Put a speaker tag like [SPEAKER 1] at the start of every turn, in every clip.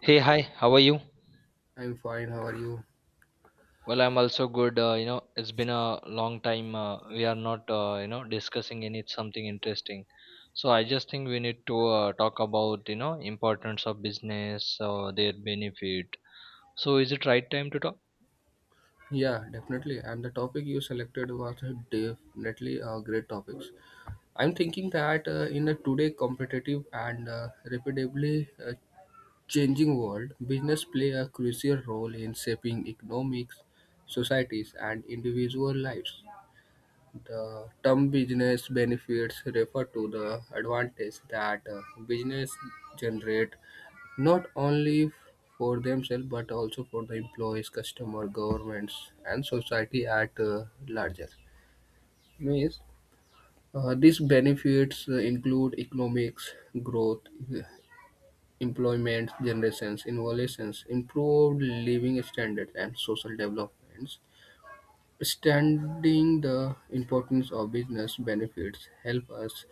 [SPEAKER 1] Hey, hi, how are you?
[SPEAKER 2] I'm fine. How are you?
[SPEAKER 1] Well, I'm also good. You know, it's been a long time. We are not, you know, discussing any something interesting. So I just think we need to talk about, you know, importance of business, their benefit. So is it right time to talk?
[SPEAKER 2] Yeah, definitely. And the topic you selected was definitely a great topics. I'm thinking that in a today competitive and rapidly changing world, business play a crucial role in shaping economics, societies, and individual lives. The term business benefits refer to the advantage that business generate not only for themselves but also for the employees, customer, governments, and society at larger. Means these benefits include economics, growth, uh, employment generations, innovations, improved living standards, and social developments. Understanding the importance of business benefits help us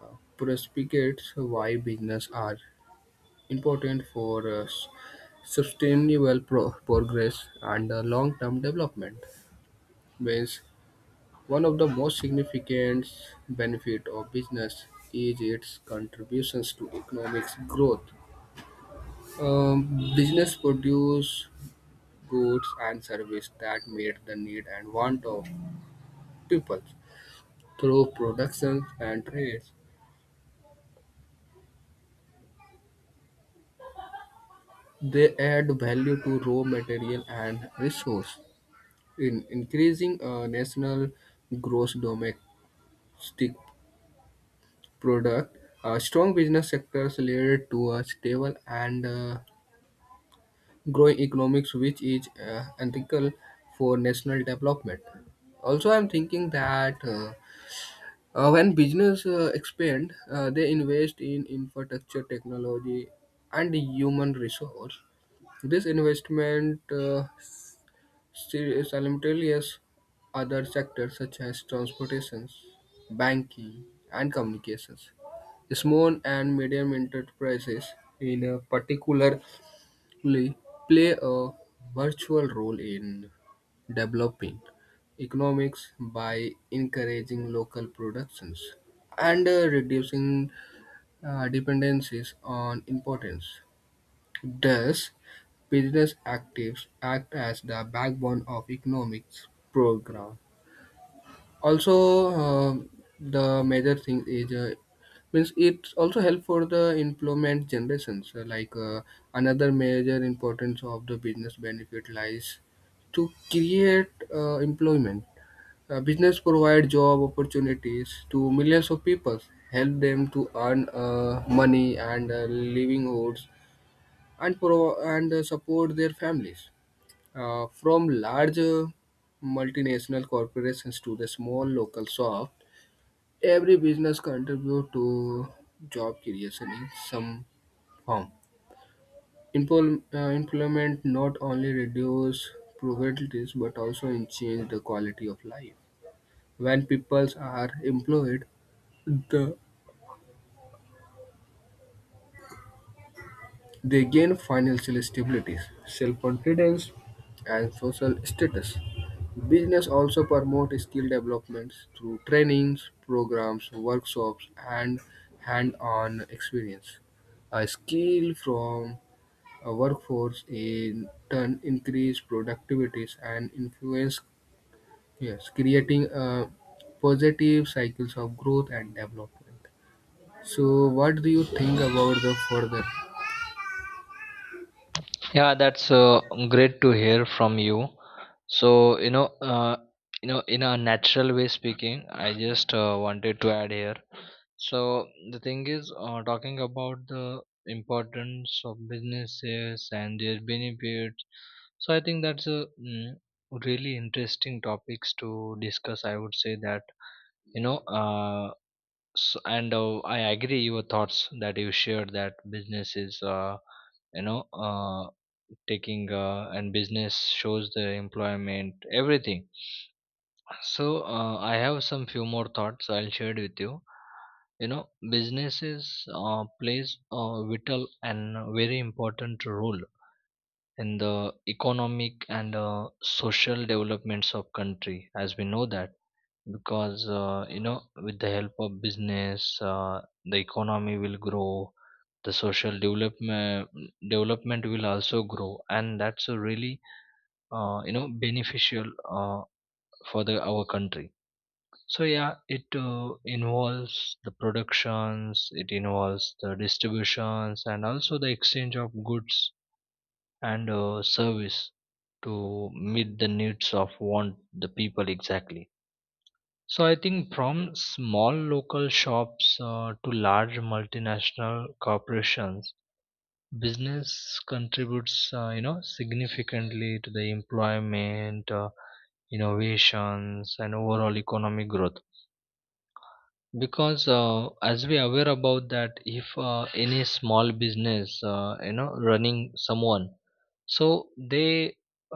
[SPEAKER 2] uh, perspicate why business are important for sustainable progress and long-term development. Means one of the most significant benefit of business is its contributions to economic growth. Business produce goods and services that meet the need and want of people through productions and trades. They add value to raw material and resource in increasing national gross domestic stick product. Strong business sectors lead to a stable and growing economics, which is ethical for national development. Also, I'm thinking that when business expand, they invest in infrastructure, technology, and human resource. This investment Seri- as other sectors such as transportations, banking, and communications. Small and medium enterprises, in a particularly, play a virtual role in developing economics by encouraging local productions and reducing dependencies on imports. Thus, business activities act as the backbone of economics program. Also, the major thing is means it's also help for the employment generations. Like, another major importance of the business benefit lies to create employment. Business provide job opportunities to millions of people, help them to earn money and livelihoods and support their families. From large multinational corporations to the small local shop, every business contribute to job creation in some form. Employment not only reduce poverty but also change the quality of life. When peoples are employed, the they gain financial stability, self-confidence, and social status. Business also promote skill developments through trainings, programs, workshops, and hand-on experience. A skill from a workforce in turn increase productivities and influence, yes, creating a positive cycles of growth and development. So, what do you think about the further?
[SPEAKER 1] Yeah, that's great to hear from you. So, you know, in a natural way speaking, I just wanted to add here. So the thing is, talking about the importance of businesses and their benefits. So I think that's a really interesting topics to discuss. I would say that you know, s and I agree your thoughts that you shared that businesses, you know, taking and business shows the employment everything so, I have some few more thoughts I'll share with you. You know, businesses plays a vital and very important role in the economic and social developments of country, as we know that, because you know with the help of business, the economy will grow, the social development will also grow, and that's a really you know beneficial uh, for the our country. So yeah, it involves the productions, it involves the distributions, and also the exchange of goods and service to meet the needs of want the people exactly. So I think from small local shops to large multinational corporations, business contributes, you know, significantly to the employment, innovations, and overall economic growth. Because as we aware about that if any small business you know running someone so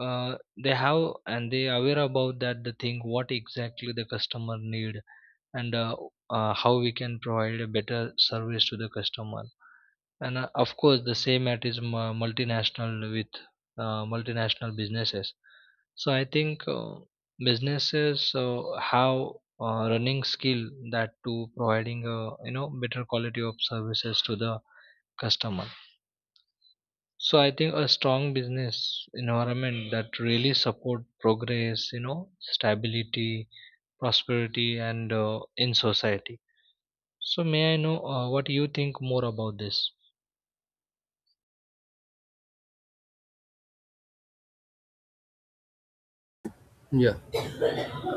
[SPEAKER 1] uh, they have and they aware about that the thing what exactly the customer need and how we can provide a better service to the customer and of course the same at is multinational with multinational businesses. So I think businesses have running skill that to providing a you know better quality of services to the customer. So I think a strong business environment that really support progress, you know, stability, prosperity, and in society. So may I know what you think more about this?
[SPEAKER 2] Yeah.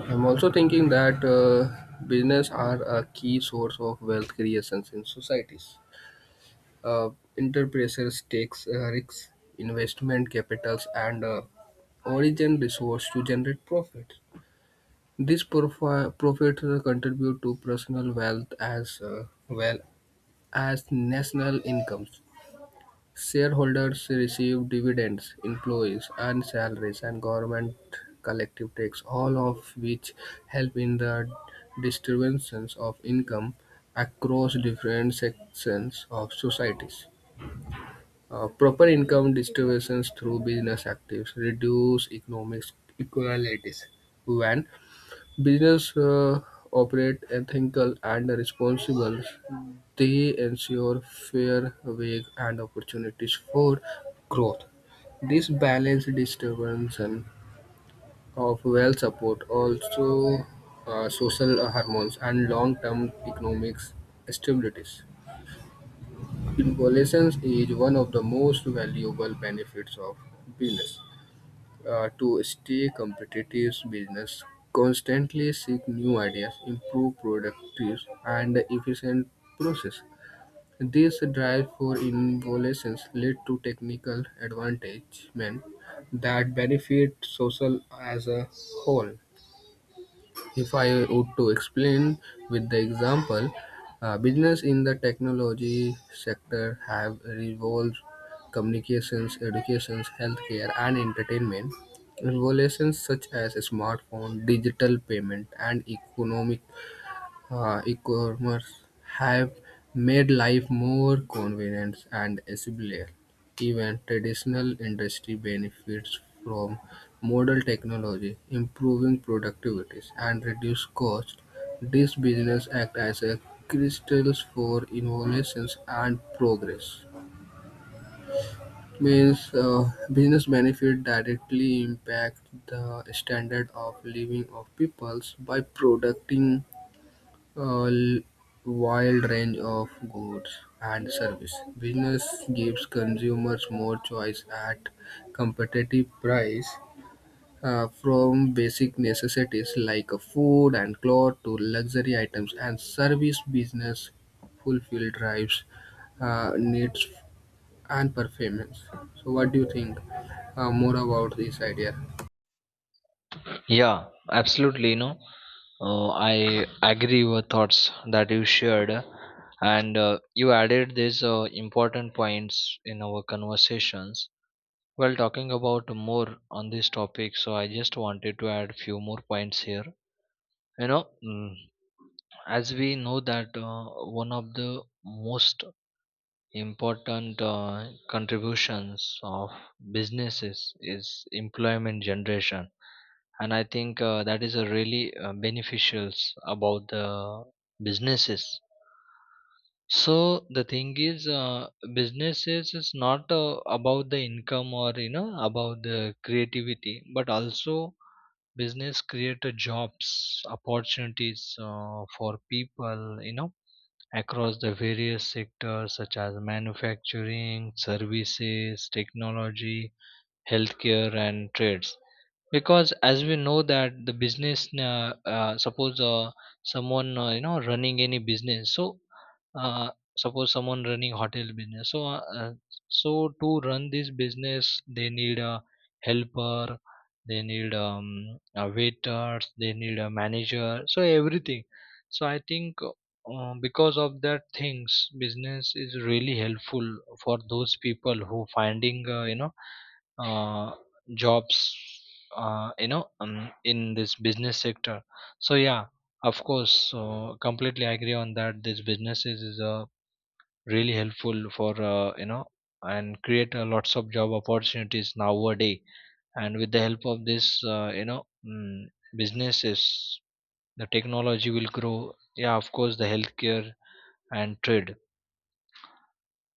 [SPEAKER 2] I'm also thinking that business are a key source of wealth creations in societies. Uh, enterprises takes risks, investment capitals, and origin resource to generate profit. These profits contribute to personal wealth as well as national incomes. Shareholders receive dividends, employees earn salaries, and government collective tax, all of which help in the distributions of income across different sections of societies. Proper income distributions through business activities reduce economic inequalities. When business operate ethical and responsible. They ensure fair wage and opportunities for growth. This balance distribution of wealth support also social harmonies and long-term economic stabilities. Involution is one of the most valuable benefits of business. To stay competitive, business constantly seek new ideas, improve productive and efficient process. This drive for innovations lead to technical advancement that benefit social as a whole. If I would to explain with the example, business in the technology sector have revolved communications, educations, healthcare, and entertainment. Revolutions such as smartphone, digital payment, and economic e-commerce have made life more convenient and accessible. Even traditional industry benefits from modern technology, improving productivity and reduce cost. This business act as a crystals for innovations and progress. Means business benefit directly impact the standard of living of peoples by producing a l- wide range of goods and service. Business gives consumers more choice at competitive price, from basic necessities like food and clothes to luxury items and service business fulfill drives needs and performance. So what do you think more about this idea?
[SPEAKER 1] Yeah, absolutely. You know, I agree with thoughts that you shared, and you added these important points in our conversations. While talking about more on this topic, so I just wanted to add few more points here. You know, as we know that one of the most important contributions of businesses is employment generation, and I think that is a really beneficials about the businesses. So the thing is, businesses is not about the income or you know about the creativity, but also business create a jobs opportunities for people you know across the various sectors such as manufacturing, services, technology, healthcare, and trades. Because as we know that the business suppose someone you know running any business so uh, suppose someone running hotel business so so to run this business they need a helper, they need a waiters, they need a manager so everything. So I think because of that things business is really helpful for those people who finding you know uh, jobs you know in this business sector. So yeah, of course, so completely agree on that, this businesses is really helpful for you know and create lots of job opportunities nowadays. And with the help of this you know businesses, the technology will grow, yeah of course the healthcare and trade.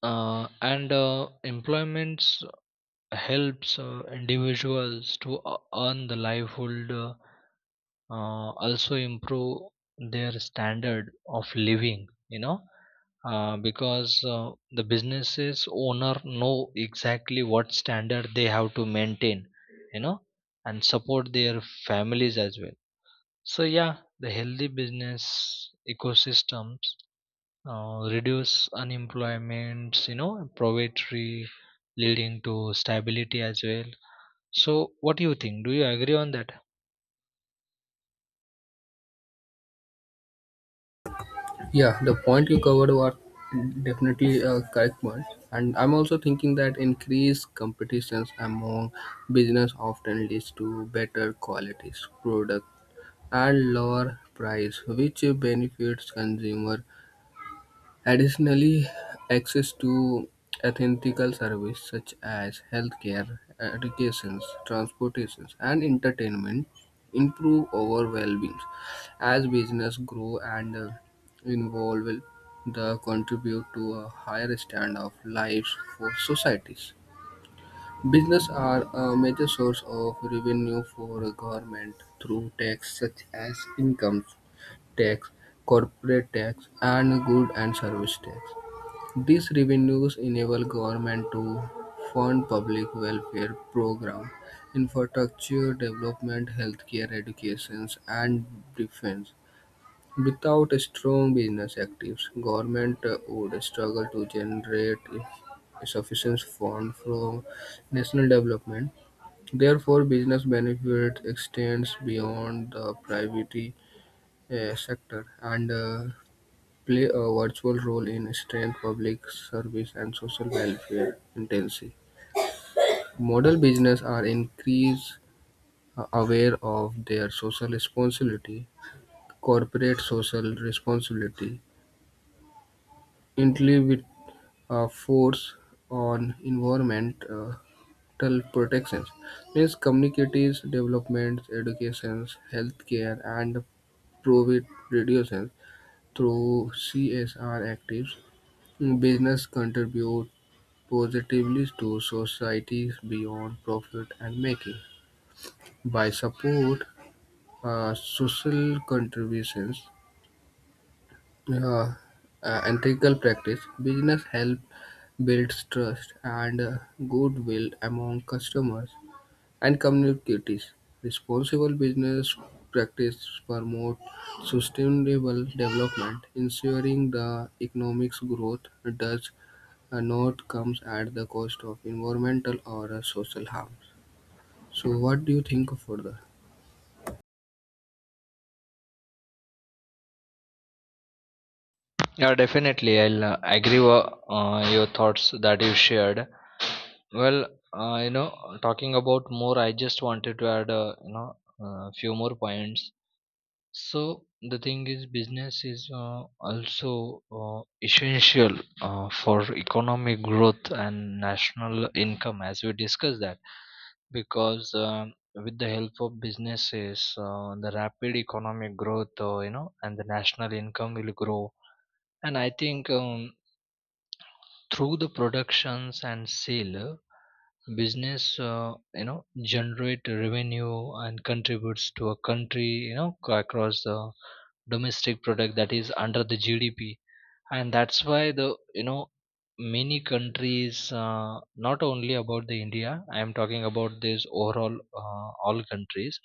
[SPEAKER 1] And employments helps individuals to earn the livelihood, also improve their standard of living, you know, because the businesses owner know exactly what standard they have to maintain, you know, and support their families as well. So yeah, the healthy business ecosystems reduce unemployment, you know, poverty, leading to stability as well. So, what do you think? Do you agree on that?
[SPEAKER 2] Yeah, the point you covered was definitely a correct one. And I'm also thinking that increased competitions among business often leads to better qualities product and lower price, which benefits consumer. Additionally, access to ethical services such as healthcare, education, transportation, and entertainment improve our well-being. As business grow and evolve, they contribute to a higher standard of life for societies. Business are a major source of revenue for government through tax such as income tax, corporate tax, and good and service tax. These revenues enable government to fund public welfare programs, infrastructure development, healthcare, education, and defense. Without strong business activities, government would struggle to generate sufficient funds from national development. Therefore, business benefit extends beyond the private sector and play a virtual role in strengthening public service and social welfare agencies. Model businesses are increasingly aware of their social responsibility. Corporate social responsibility intently with a force on environmental protections means communities, developments, educations, healthcare, and profit reduction through CSR activities. Business contribute positively to societies beyond profit-making. And making. By support social contributions, uh, ethical practice, business help builds trust and goodwill among customers and communities. Responsible business practice promote sustainable development, ensuring the economic growth does a note comes at the cost of environmental or social harms. So, what do you think further?
[SPEAKER 1] Yeah, definitely. I'll agree with your thoughts that you shared. Well, you know, talking about more, I just wanted to add, you know, a few more points. So the thing is, business is also essential for economic growth and national income, as we discussed that. Because with the help of businesses, the rapid economic growth, you know, and the national income will grow. And I think through the productions and sale, business, you know, generate revenue and contributes to a country, you know, across the domestic product that is under the GDP. And that's why the you know many countries not only about the india I am talking about this overall all countries.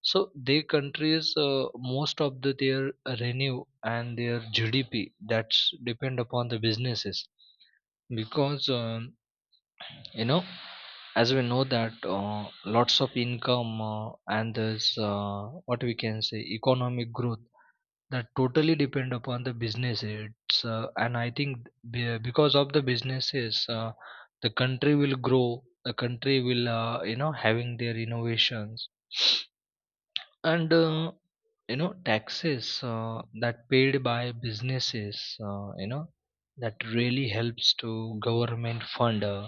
[SPEAKER 1] So their countries most of the their renew and their gdp that's depend upon the businesses. Because you know as we know that lots of income and this what we can say economic growth that totally depend upon the business it's and I think because of the businesses the country will grow, the country will you know having their innovations. And you know taxes that paid by businesses you know that really helps to government fund uh,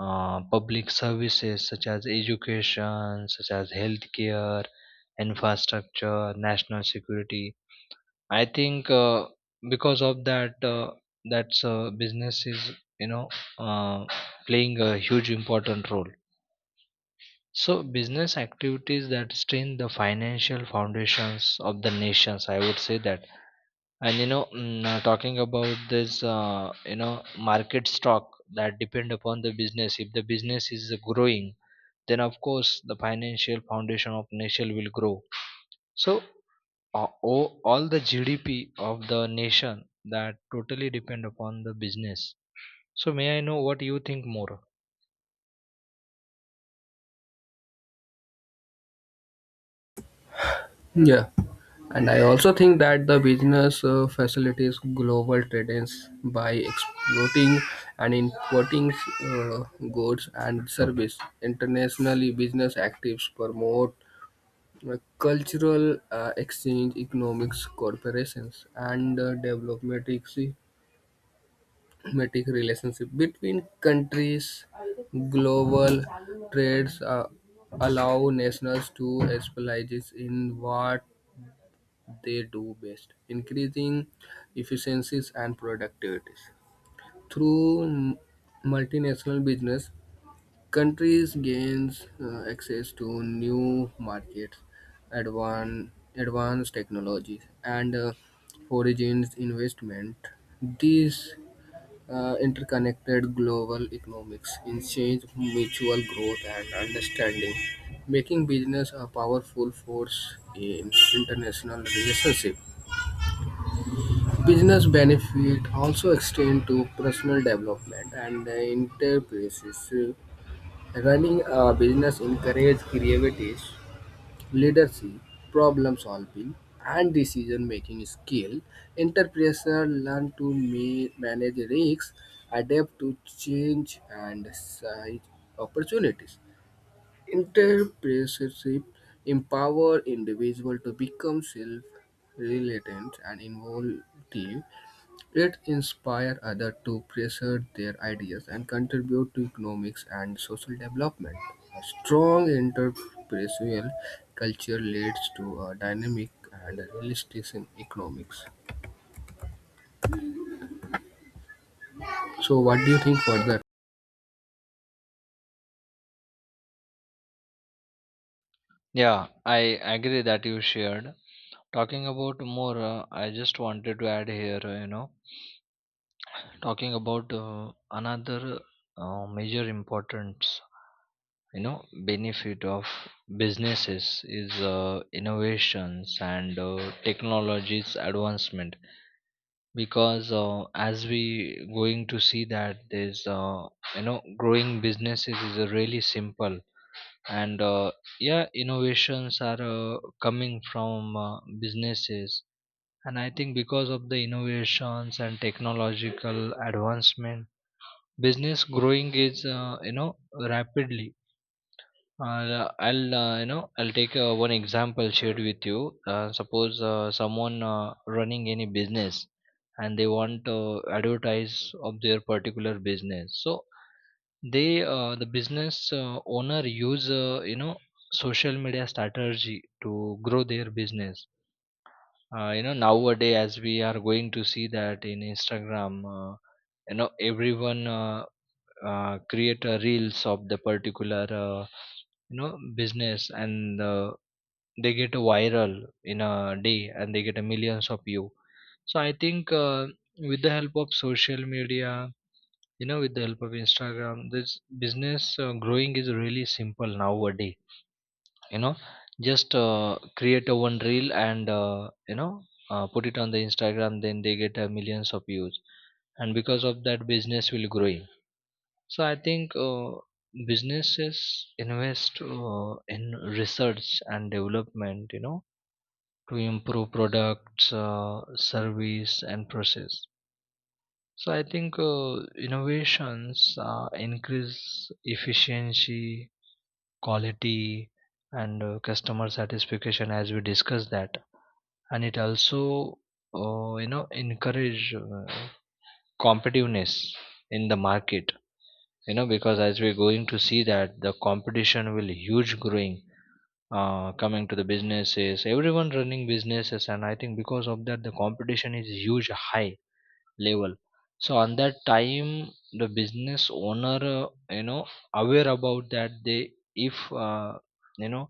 [SPEAKER 1] uh, public services such as education such as healthcare, infrastructure, national security. I think because of that, that's business is you know uh, playing a huge important role. So business activities that strain the financial foundations of the nations, I would say that. And you know, talking about this, you know, market stock that depend upon the business. If the business is growing, then of course the financial foundation of nation will grow. So uh, all the GDP of the nation that totally depend upon the business. So may I know what you think more?
[SPEAKER 2] Yeah, and I also think that the business facilitates global trade ins by exploiting and importing uh, goods and service internationally. Business actives promote cultural exchange, economics, corporations, and development diplomatic relationship between countries. Global trades allow nations to specialize in what they do best, increasing efficiencies and productivities. Through multinational business, countries gain access to new markets, advanced technologies, and foreign investment. These interconnected global economics encourage mutual growth and understanding, making business a powerful force in international relationship. Business benefit also extend to personal development and enterprises. Running a business encourage creativity, leadership, problem solving, and decision making skill. Entrepreneurs learn to manage risks, adapt to change, and seize opportunities. Entrepreneurship empower individuals to become self-reliant and involved it inspired others to pursue their ideas and contribute to economics and social development. A strong entrepreneurial culture leads to a dynamic and realistic in economics. So, what do you think further?
[SPEAKER 1] Yeah, I agree that you shared. Talking about more, I just wanted to add here, you know, talking about another major importance, you know, benefit of businesses is innovations and technologies advancement. Because as we going to see that there's you know growing businesses is really simple and yeah innovations are coming from businesses. And I think because of the innovations and technological advancement business growing is you know rapidly. I'll you know I'll take one example shared with you. Suppose someone running any business and they want to advertise of their particular business. So they the business owner use you know social media strategy to grow their business. You know nowadays as we are going to see that in Instagram, you know everyone create a reels of the particular you know business, and they get viral in a day and they get a millions of view. So I think with the help of social media, you know with the help of instagram, this business growing is really simple nowadays, you know, just create a one reel and you know put it on the instagram, then they get millions of views. And because of that business will grow. So I think businesses invest in research and development, you know, to improve products, service, and process. So I think innovations increase efficiency, quality, and customer satisfaction, as we discussed that, and it also, you know, encourage competitiveness in the market, you know, because as we're going to see that the competition will huge growing coming to the businesses, everyone running businesses, and I think because of that the competition is huge high level. So on that time the business owner you know aware about that they if you know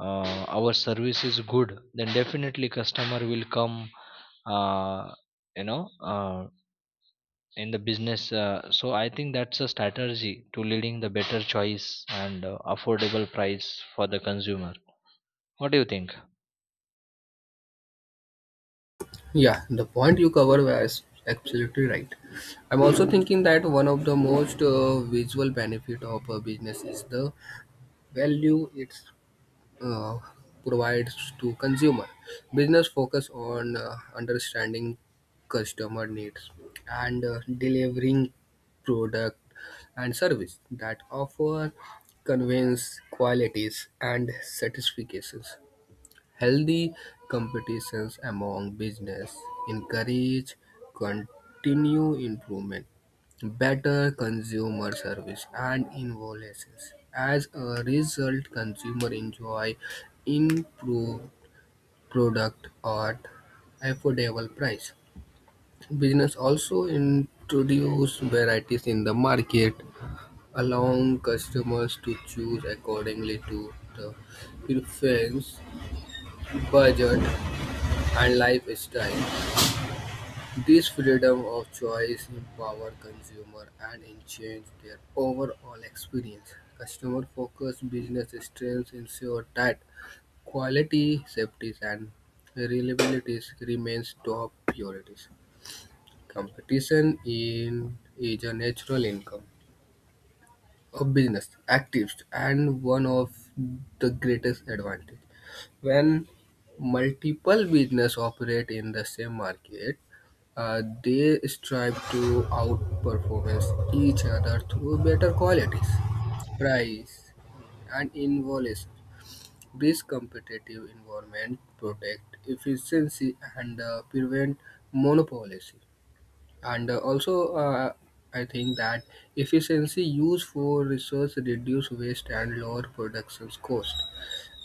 [SPEAKER 1] our service is good then definitely customer will come, uh, you know in the business. So I think that's a strategy to leading the better choice and affordable price for the consumer. What do you think?
[SPEAKER 2] Yeah, the point you cover was absolutely right. I'm also thinking that one of the most visual benefit of a business is the value it's uh, provides to consumer. Business focus on understanding customer needs and delivering product and service that offer convenience, qualities and satisfactions. Healthy competitions among business encourage continuous improvement, better consumer service, and innovations. As a result, consumers enjoy improved product at affordable price. Business also introduce varieties in the market, allowing customers to choose accordingly to the preference budget and lifestyle. This freedom of choice empower consumer and in change their overall experience. Customer-focused business strengths ensure that quality, safety, and reliability remains top priorities. Competition in is a natural income of business activists and one of the greatest advantage. When multiple business operate in the same market, they strive to outperform each other through better qualities, price, and innovation. This competitive environment protect efficiency and prevent monopolism. And also, I think that efficiency use for resource reduce waste and lower production cost.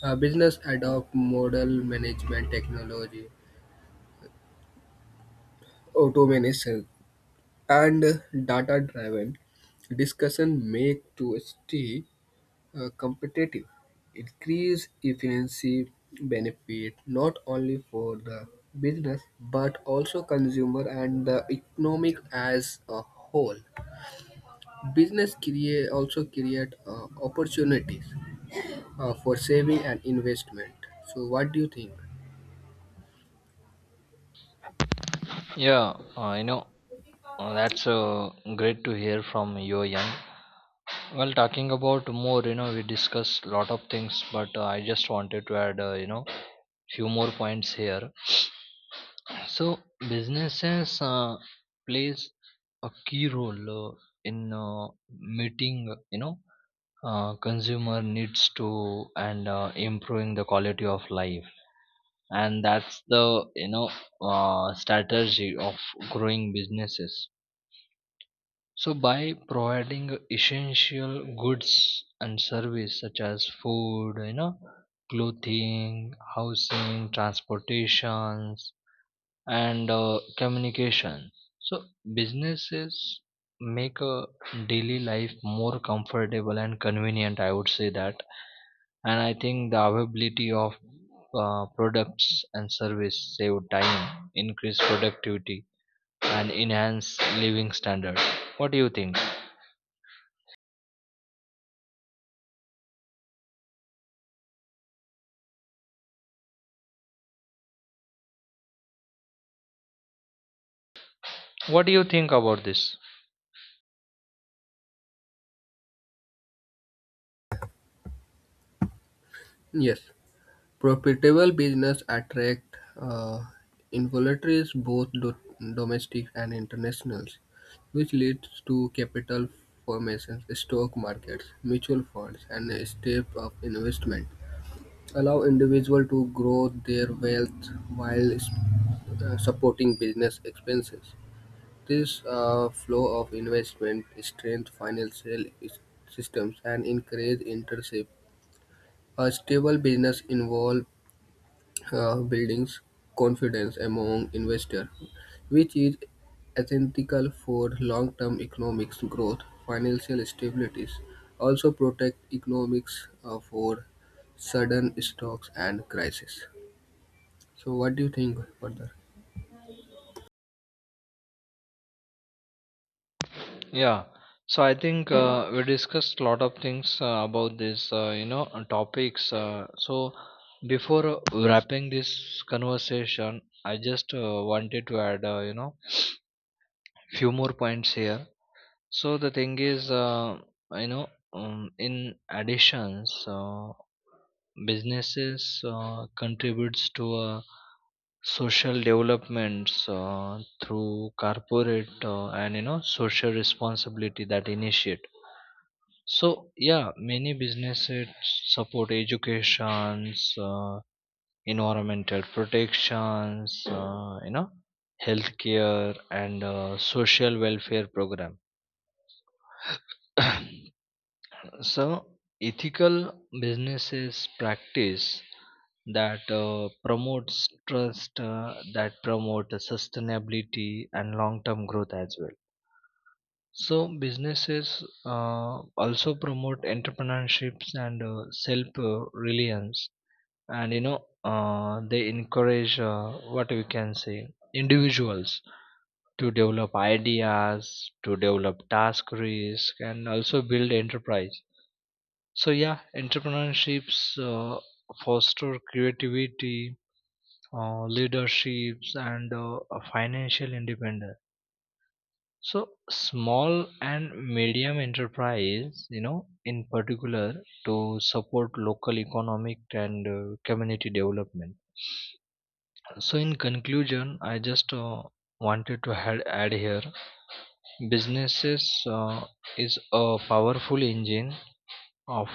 [SPEAKER 2] Business adopt model management technology, automation and data driven discussion make to stay competitive increase efficiency benefit not only for the business but also consumer and the economic as a whole. Business create also create opportunities for saving and investment. So what do you think?
[SPEAKER 1] Yeah, you know that's great to hear from your young. Well, talking about more, you know we discussed lot of things, but I just wanted to add, you know, few more points here. So businesses plays a key role in meeting you know consumer needs to, and improving the quality of life. And that's the you know strategy of growing businesses. So by providing essential goods and service such as food, you know, clothing, housing, transportations, and communication. So businesses make a daily life more comfortable and convenient, I would say that, and I think the availability of products and service save time, increase productivity, and enhance living standards. What do you think? What do you think about this?
[SPEAKER 2] Yes. Profitable business attract investors both domestic and internationals, which leads to capital formations, stock markets, mutual funds, and a step of investment. Allow individual to grow their wealth while supporting business expenses. This flow of investment strengthens financial systems and encourages entrepreneurship. A stable business involves buildings confidence among investors, which is essential for long-term economic growth, financial stability, also protect economics for sudden shocks and crises. So, what do you think further?
[SPEAKER 1] Yeah, so I think we discussed a lot of things about this, you know, topics. So before wrapping this conversation, I just wanted to add, you know, few more points here. So the thing is, you know, in additions, businesses contributes to social developments through corporate and you know social responsibility that initiate. So yeah, many businesses support educations, environmental protections, you know, healthcare and social welfare program. So ethical businesses practice that promotes trust, that promote sustainability and long-term growth as well. So businesses also promote entrepreneurships and self-reliance, and you know they encourage what we can say individuals to develop ideas, to develop task risk, and also build enterprise. So yeah, entrepreneurships foster creativity, leaderships, and financial independence. So small and medium enterprise, you know, in particular, to support local economic and community development. So, in conclusion, I just wanted to add here, businesses is a powerful engine of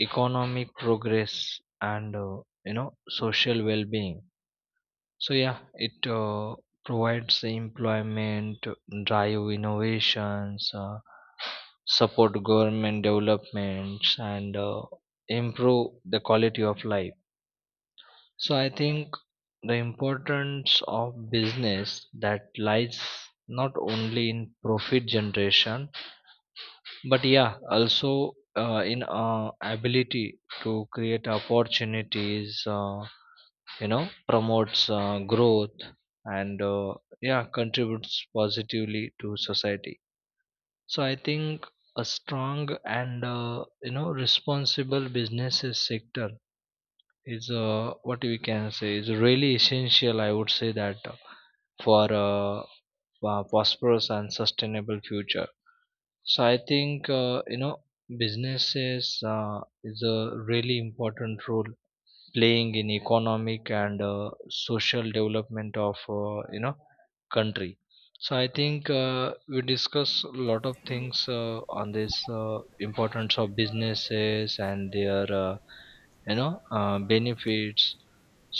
[SPEAKER 1] economic progress and you know social well-being. So yeah, it provides the employment, drive innovations, support government developments, and improve the quality of life. So I think the importance of business that lies not only in profit generation, but yeah, also in ability to create opportunities, you know, promotes growth and yeah, contributes positively to society. So I think a strong and you know responsible businesses sector is what we can say is really essential, I would say that, for a prosperous and sustainable future. So I think you know businesses is a really important role playing in economic and social development of you know country. So I think we discuss a lot of things on this importance of businesses and their you know benefits.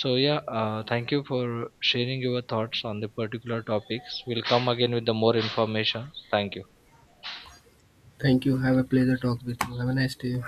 [SPEAKER 1] So yeah, thank you for sharing your thoughts on the particular topics. We'll come again with the more information. Thank you.
[SPEAKER 2] Thank you. Have a pleasure talk with you. Have a nice day.